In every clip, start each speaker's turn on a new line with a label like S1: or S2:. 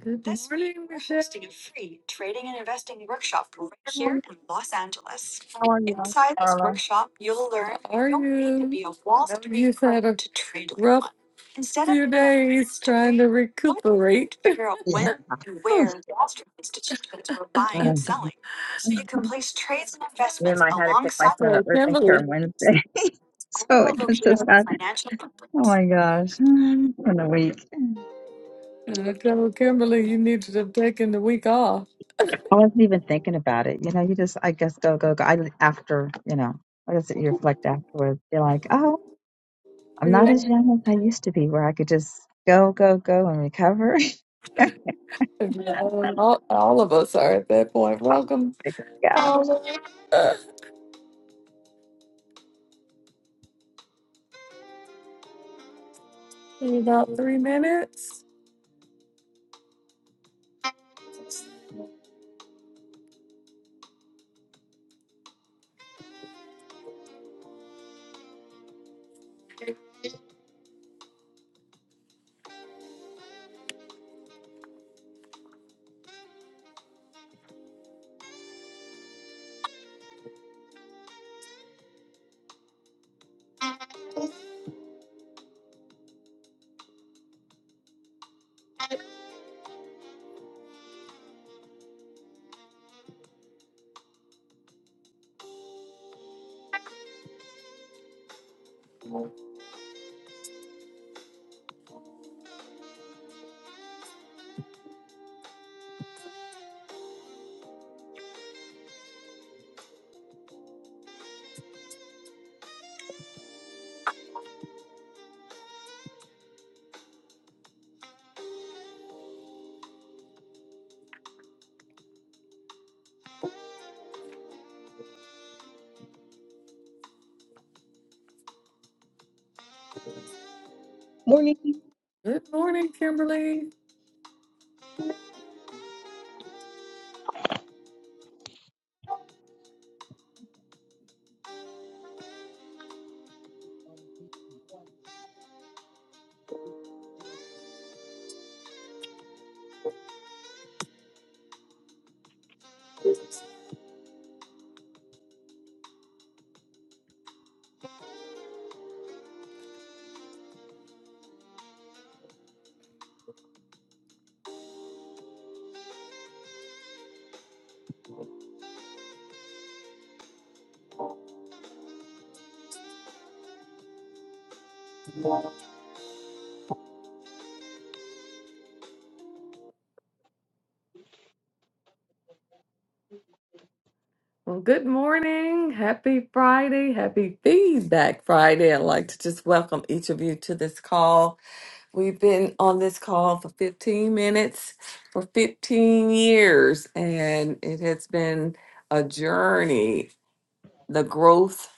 S1: Good
S2: morning. How are you, Dr. Carla?
S1: How are trying to recuperate.
S2: Yeah. Whew. Um, then I had to pick my son up
S1: So
S2: urgent care on
S1: Kimberly,
S2: Wednesday. So it was just not, oh my gosh, in a week.
S1: I told Kimberly you needed to have taken the week off.
S2: I wasn't even thinking about it. You know, you just, I guess, go, go, go. I, after, you know, what is it? You reflect afterwards. You're like, oh, I'm not
S1: Yeah.
S2: as young as I used to be where I could just go, go, go and recover.
S1: All, all of us are at that point.
S2: Oh,
S1: Welcome.
S2: my God.
S1: Paula. Uh, in about three minutes.
S3: Morning.
S1: Good morning, Kimberly. Well, good morning. Happy Friday. Happy Feedback Friday. I'd like to just welcome each of you to this call. We've been on this call for 15 minutes for 15 years, and it has been a journey the growth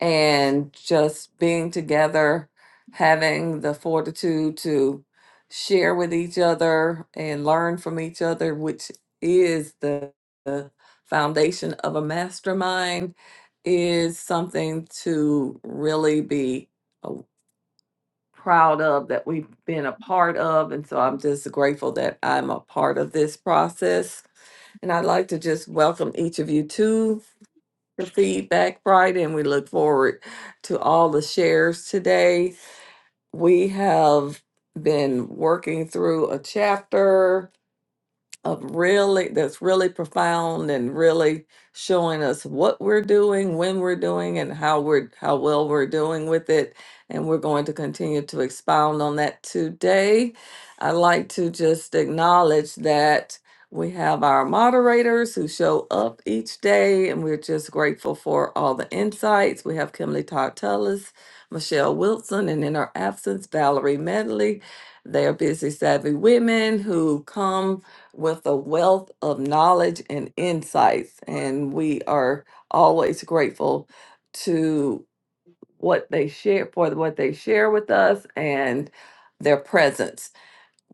S1: and just being together, having the fortitude to share with each other and learn from each other, which is the, the foundation of a mastermind, is something to really be uh, proud of that we've been a part of. And so I'm just grateful that I'm a part of this process. And I'd like to just welcome each of you too your feedback Friday, and we look forward to all the shares today. We have been working through a chapter of really that's really profound and really showing us what we're doing, when we're doing and how we're how well we're doing with it. And we're going to continue to expound on that today. I'd like to just acknowledge that we have our moderators who show up each day, and we're just grateful for all the insights. We have Kimberly Tartellis, Michelle Wilson, and in her absence, Valerie Medley. They are busy, savvy women who come with a wealth of knowledge and insights. And we are always grateful to what they share for what they share with us and their presence.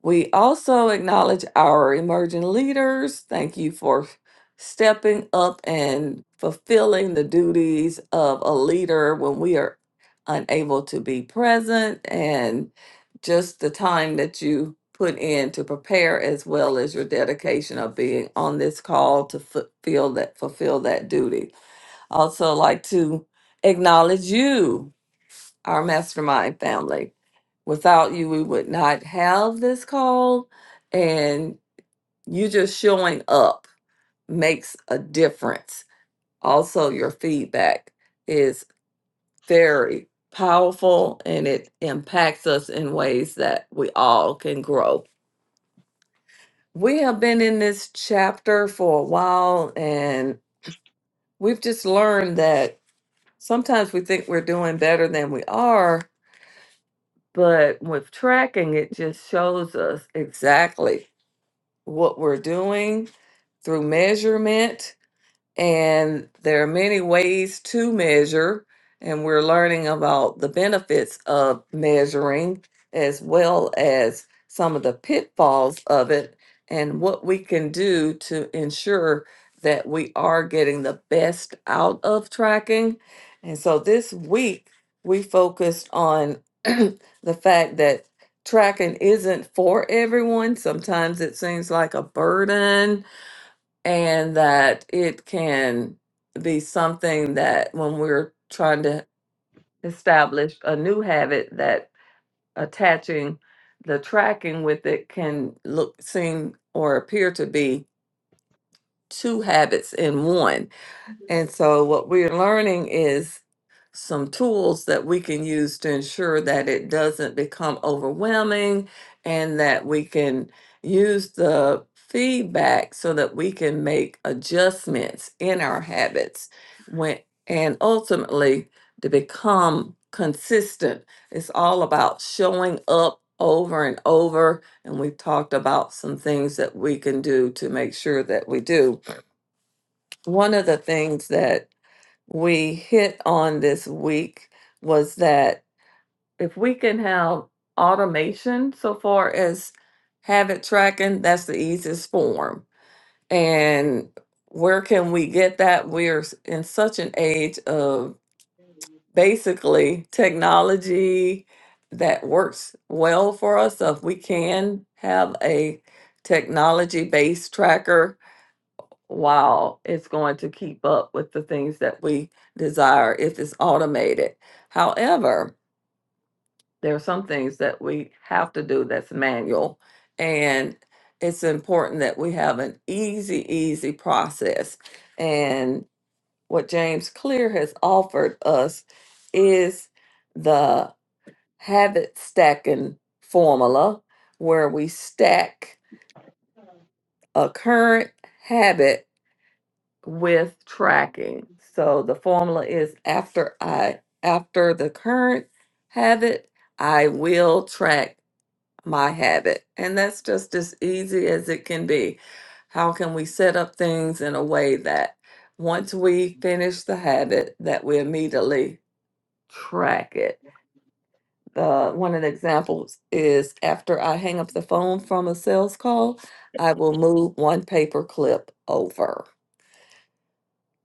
S1: We also acknowledge our emerging leaders. Thank you for stepping up and fulfilling the duties of a leader when we are unable to be present and just the time that you put in to prepare as well as your dedication of being on this call to fulfill that fulfill that duty. Also like to acknowledge you our mastermind family. Without you, we would not have this call. And you just showing up makes a difference. Also, your feedback is very powerful and it impacts us in ways that we all can grow. We have been in this chapter for a while and we've just learned that sometimes we think we're doing better than we are But with tracking, it just shows us exactly what we're doing through measurement and there are many ways to measure, and we're learning about the benefits of measuring as well as some of the pitfalls of it and what we can do to ensure that we are getting the best out of tracking. And so this week, we focused on the fact that tracking isn't for everyone. Sometimes it seems like a burden and that it can be something that when we're trying to establish a new habit that attaching the tracking with it can look seem or appear to be two habits in one and so, what we're learning is some tools that we can use to ensure that it doesn't become overwhelming and that we can use the feedback so that we can make adjustments in our habits when and ultimately to become consistent it's all about showing up over and over and we've talked about some things that we can do to make sure that we do one of the things that we hit on this week was that if we can have automation so far as habit tracking, that's the easiest form. And where can we get that? We're s- in such an age of basically technology that works well for us. So if we can have a technology based tracker while it's going to keep up with the things that we desire if it's automated. However, there are some things that we have to do that's manual, and it's important that we have an easy, easy process. And what James Clear has offered us is the habit stacking formula where we stack a current habit with tracking. So the formula is after I after the current habit, I will track my habit. And that's just as easy as it can be. How can we set up things in a way that once we finish the habit that we immediately track it? Uh, one of the examples is after I hang up the phone from a sales call, I will move one paper clip over.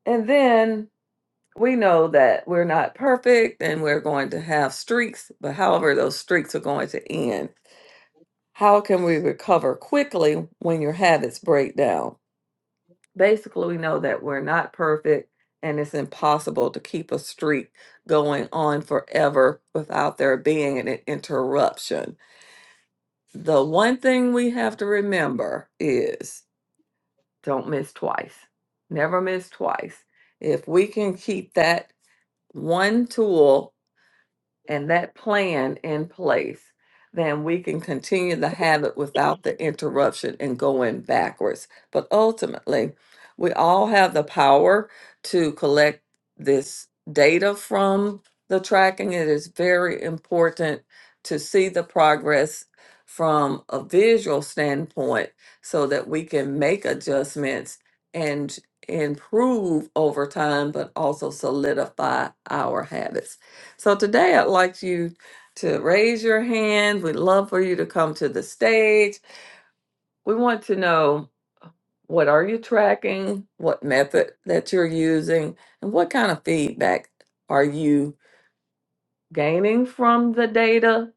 S1: And then we know that we're not perfect and we're going to have streaks, but however, those streaks are going to end. How can we recover quickly when your habits break down? Basically, we know that we're not perfect and it's impossible to keep a streak going on forever without there being an interruption. The one thing we have to remember is don't miss twice. Never miss twice. If we can keep that one tool and that plan in place, then we can continue to have it without the interruption and going backwards. But ultimately, we all have the power to collect this data from the tracking. It is very important to see the progress from a visual standpoint so that we can make adjustments and improve over time, but also solidify our habits. So today I'd like you to raise your hand. We'd love for you to come to the stage. We want to know what are you tracking, what method that you're using, and what kind of feedback are you gaining from the data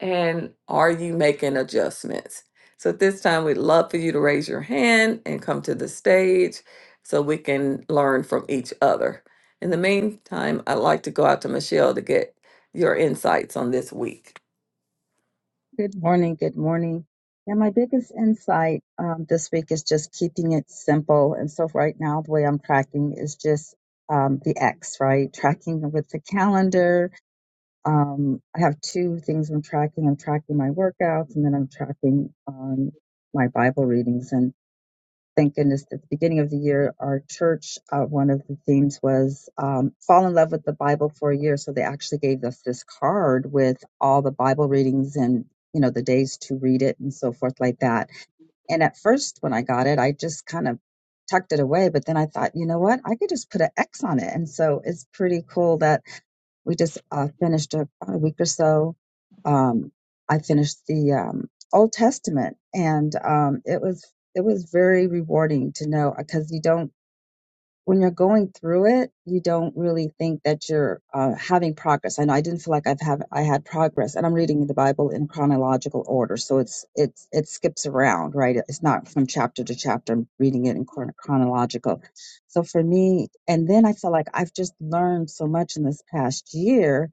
S1: and are you making adjustments? So at this time we'd love for you to raise your hand and come to the stage so we can learn from each other. In the meantime, I'd like to go out to Michelle to get your insights on this week.
S2: Good morning. Good morning. Yeah, my biggest insight um, this week is just keeping it simple. And so right now, the way I'm tracking is just um, the X, right? Tracking with the calendar. Um, I have two things I'm tracking. I'm tracking my workouts, and then I'm tracking um, my Bible readings thank goodness at the beginning of the year, our church, uh, one of the themes was um, fall in love with the Bible for a year. So they actually gave us this card with all the Bible readings and you know the days to read it and so forth like that. And at first, when I got it, I just kind of tucked it away. But then I thought, you know what? I could just put an X on it, and so it's pretty cool that we just uh, finished a, a week or so. Um, I finished the um, Old Testament, and um, it was it was very rewarding to know because you don't when you're going through it, you don't really think that you're uh, having progress. I know I didn't feel like I've have I had progress, and I'm reading the Bible in chronological order, so it's it's it skips around, right? It's not from chapter to chapter. I'm reading it in chron- chronological. So for me, and then I felt like I've just learned so much in this past year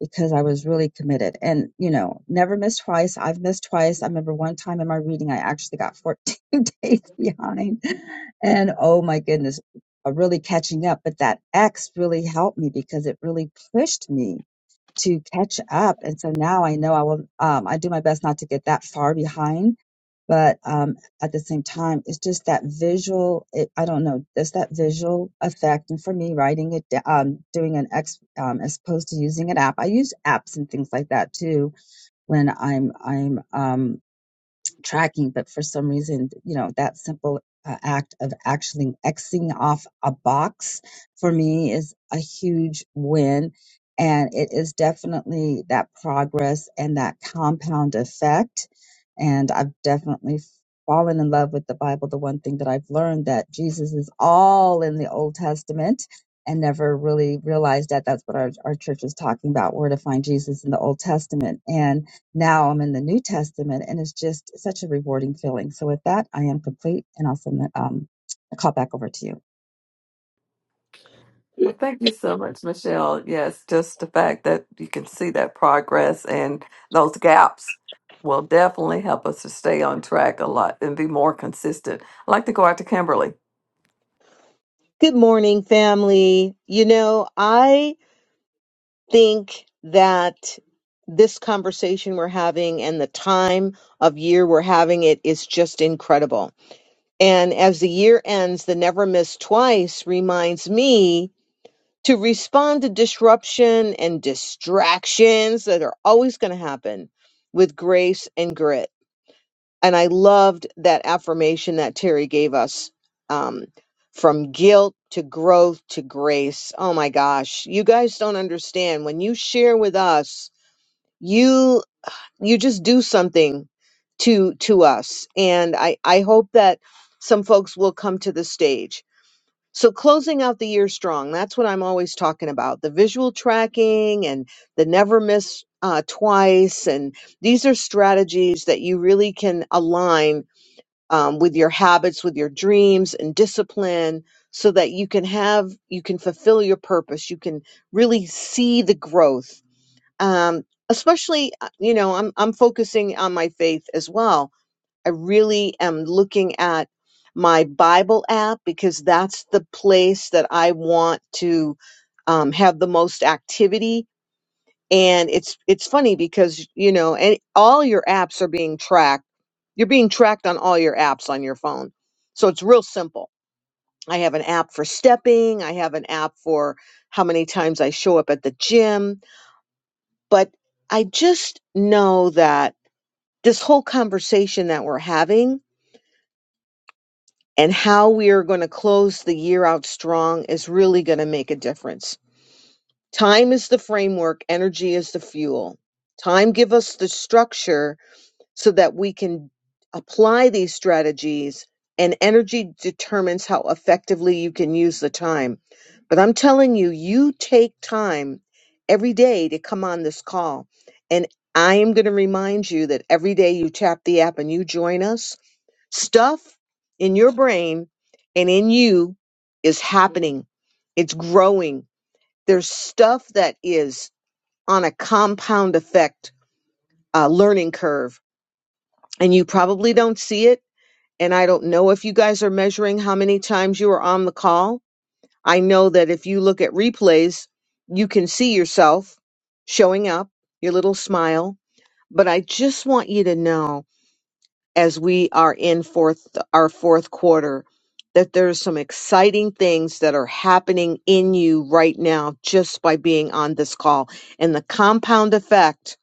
S2: because I was really committed and, you know, never missed twice. I've missed twice. I remember one time in my reading, I actually got 14 days behind. And oh my goodness, uh, really catching up. But that X really helped me because it really pushed me to catch up. And so now I know I will, um, I do my best not to get that far behind. But um, at the same time, it's just that visual. It, I don't know, just that visual effect. And for me, writing it, da- um, doing an ex, um, as opposed to using an app. I use apps and things like that too when I'm I'm um, tracking, but for some reason, you know, that simple uh, act of actually Xing off a box for me is a huge win. And it is definitely that progress and that compound effect. And I've definitely fallen in love with the Bible. The one thing that I've learned that Jesus is all in the Old Testament and never really realized that that's what our, our church is talking about, where to find Jesus in the Old Testament. And now I'm in the New Testament, and it's just such a rewarding feeling. So with that, I am complete, and I'll send the, um, the call back over to you.
S1: Well, thank you so much, Michelle. Yes, just the fact that you can see that progress and those gaps will definitely help us to stay on track a lot and be more consistent. I'd like to go out to Kimberly.
S3: Good morning, family. You know, I think that this conversation we're having and the time of year we're having it is just incredible. And as the year ends, the never miss twice reminds me to respond to disruption and distractions that are always going to happen with grace and grit. And I loved that affirmation that Terry gave us um, from guilt to growth to grace. Oh my gosh, you guys don't understand. When you share with us, you you just do something to to us. And I, I hope that some folks will come to the stage. So closing out the year strong, that's what I'm always talking about. The visual tracking and the never miss uh, twice. And these are strategies that you really can align um, with your habits, with your dreams and discipline, so that you can have, you can fulfill your purpose. You can really see the growth. Um, especially, uh, you know, I'm I'm focusing on my faith as well. I really am looking at my Bible app because that's the place that I want to um, have the most activity and it's it's funny because you know and all your apps are being tracked you're being tracked on all your apps on your phone so it's real simple i have an app for stepping i have an app for how many times i show up at the gym but i just know that this whole conversation that we're having and how we are going to close the year out strong is really going to make a difference time is the framework energy is the fuel time give us the structure so that we can apply these strategies and energy determines how effectively you can use the time. But I'm telling you, you take time every day to come on this call. And I am going to remind you that every day you tap the app and you join us, stuff in your brain and in you is happening. It's growing. There's stuff that is on a compound effect uh, learning curve and you probably don't see it and I don't know if you guys are measuring how many times you were on the call. I know that if you look at replays, you can see yourself showing up, your little smile. But I just want you to know as we are in fourth our fourth quarter that there's some exciting things that are happening in you right now just by being on this call. And the compound effect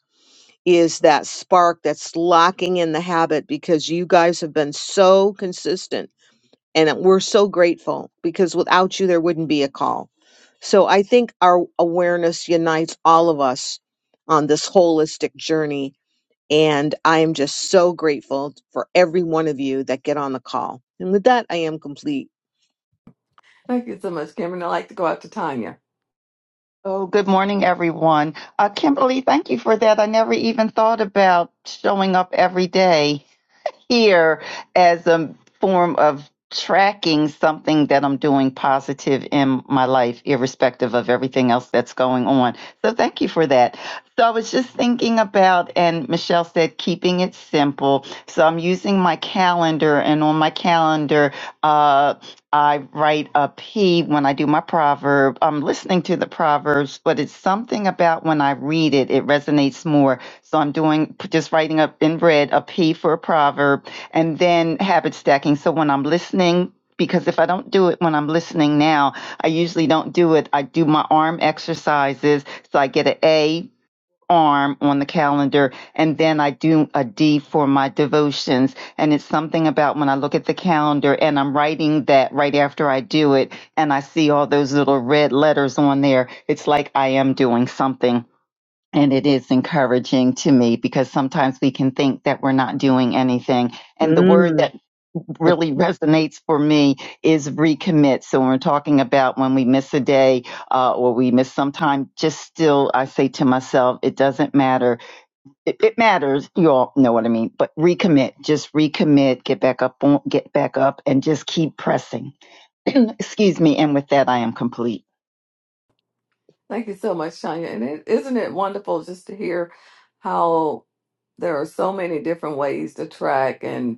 S3: is that spark that's locking in the habit because you guys have been so consistent and we're so grateful because without you, there wouldn't be a call. So I think our awareness unites all of us on this holistic journey. And I am just so grateful for every one of you that get on the call. And with that, I am complete.
S1: Thank you so much, Kimberly. I'd like to go out to Tanya.
S4: Oh, good morning, everyone. Uh, Kimberly, thank you for that. I never even thought about showing up every day here as a form of tracking something that I'm doing positive in my life, irrespective of everything else that's going on. So thank you for that. So I was just thinking about, and Michelle said, keeping it simple. So I'm using my calendar, and on my calendar, uh, I write a P when I do my proverb. I'm listening to the proverbs, but it's something about when I read it, it resonates more. So I'm doing just writing up in red a P for a proverb and then habit stacking. So when I'm listening, because if I don't do it when I'm listening now, I usually don't do it. I do my arm exercises. So I get an A arm on the calendar and then I do a D for my devotions. And it's something about when I look at the calendar and I'm writing that right after I do it and I see all those little red letters on there, it's like I am doing something. And it is encouraging to me because sometimes we can think that we're not doing anything. And the word that
S3: Mm.
S4: really resonates for me is recommit. So when we're talking about when we miss a day uh, or we miss some time, just still, I say to myself, it doesn't matter. It, it matters. You all know what I mean. But recommit, just recommit, get back up, on, get back up, and just keep pressing. Excuse me. And with that, I am complete.
S1: Thank you so much, Tanya. And it, isn't it wonderful just to hear how there are so many different ways to track and.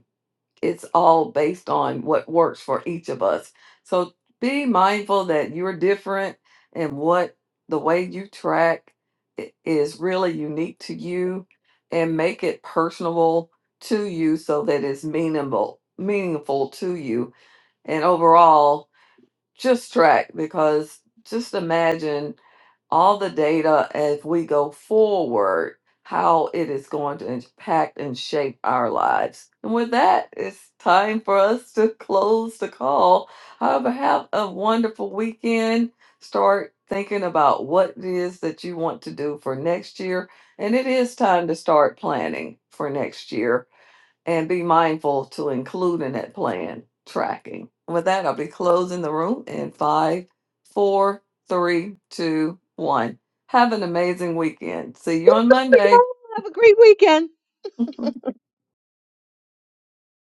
S1: it's all based on what works for each of us. So be mindful that you're different and what the way you track i- is really unique to you and make it personable to you so that it's meaningful meaningful to you. And overall, just track because just imagine all the data as we go forward, how it is going to impact and shape our lives. And with that, it's time for us to close the call. However, have a wonderful weekend. Start thinking about what it is that you want to do for next year. And it is time to start planning for next year and be mindful to include in that plan tracking. With that, I'll be closing the room in five, four, three, two, one. Have an amazing weekend. See you on Monday.
S3: Y'all Have a great weekend.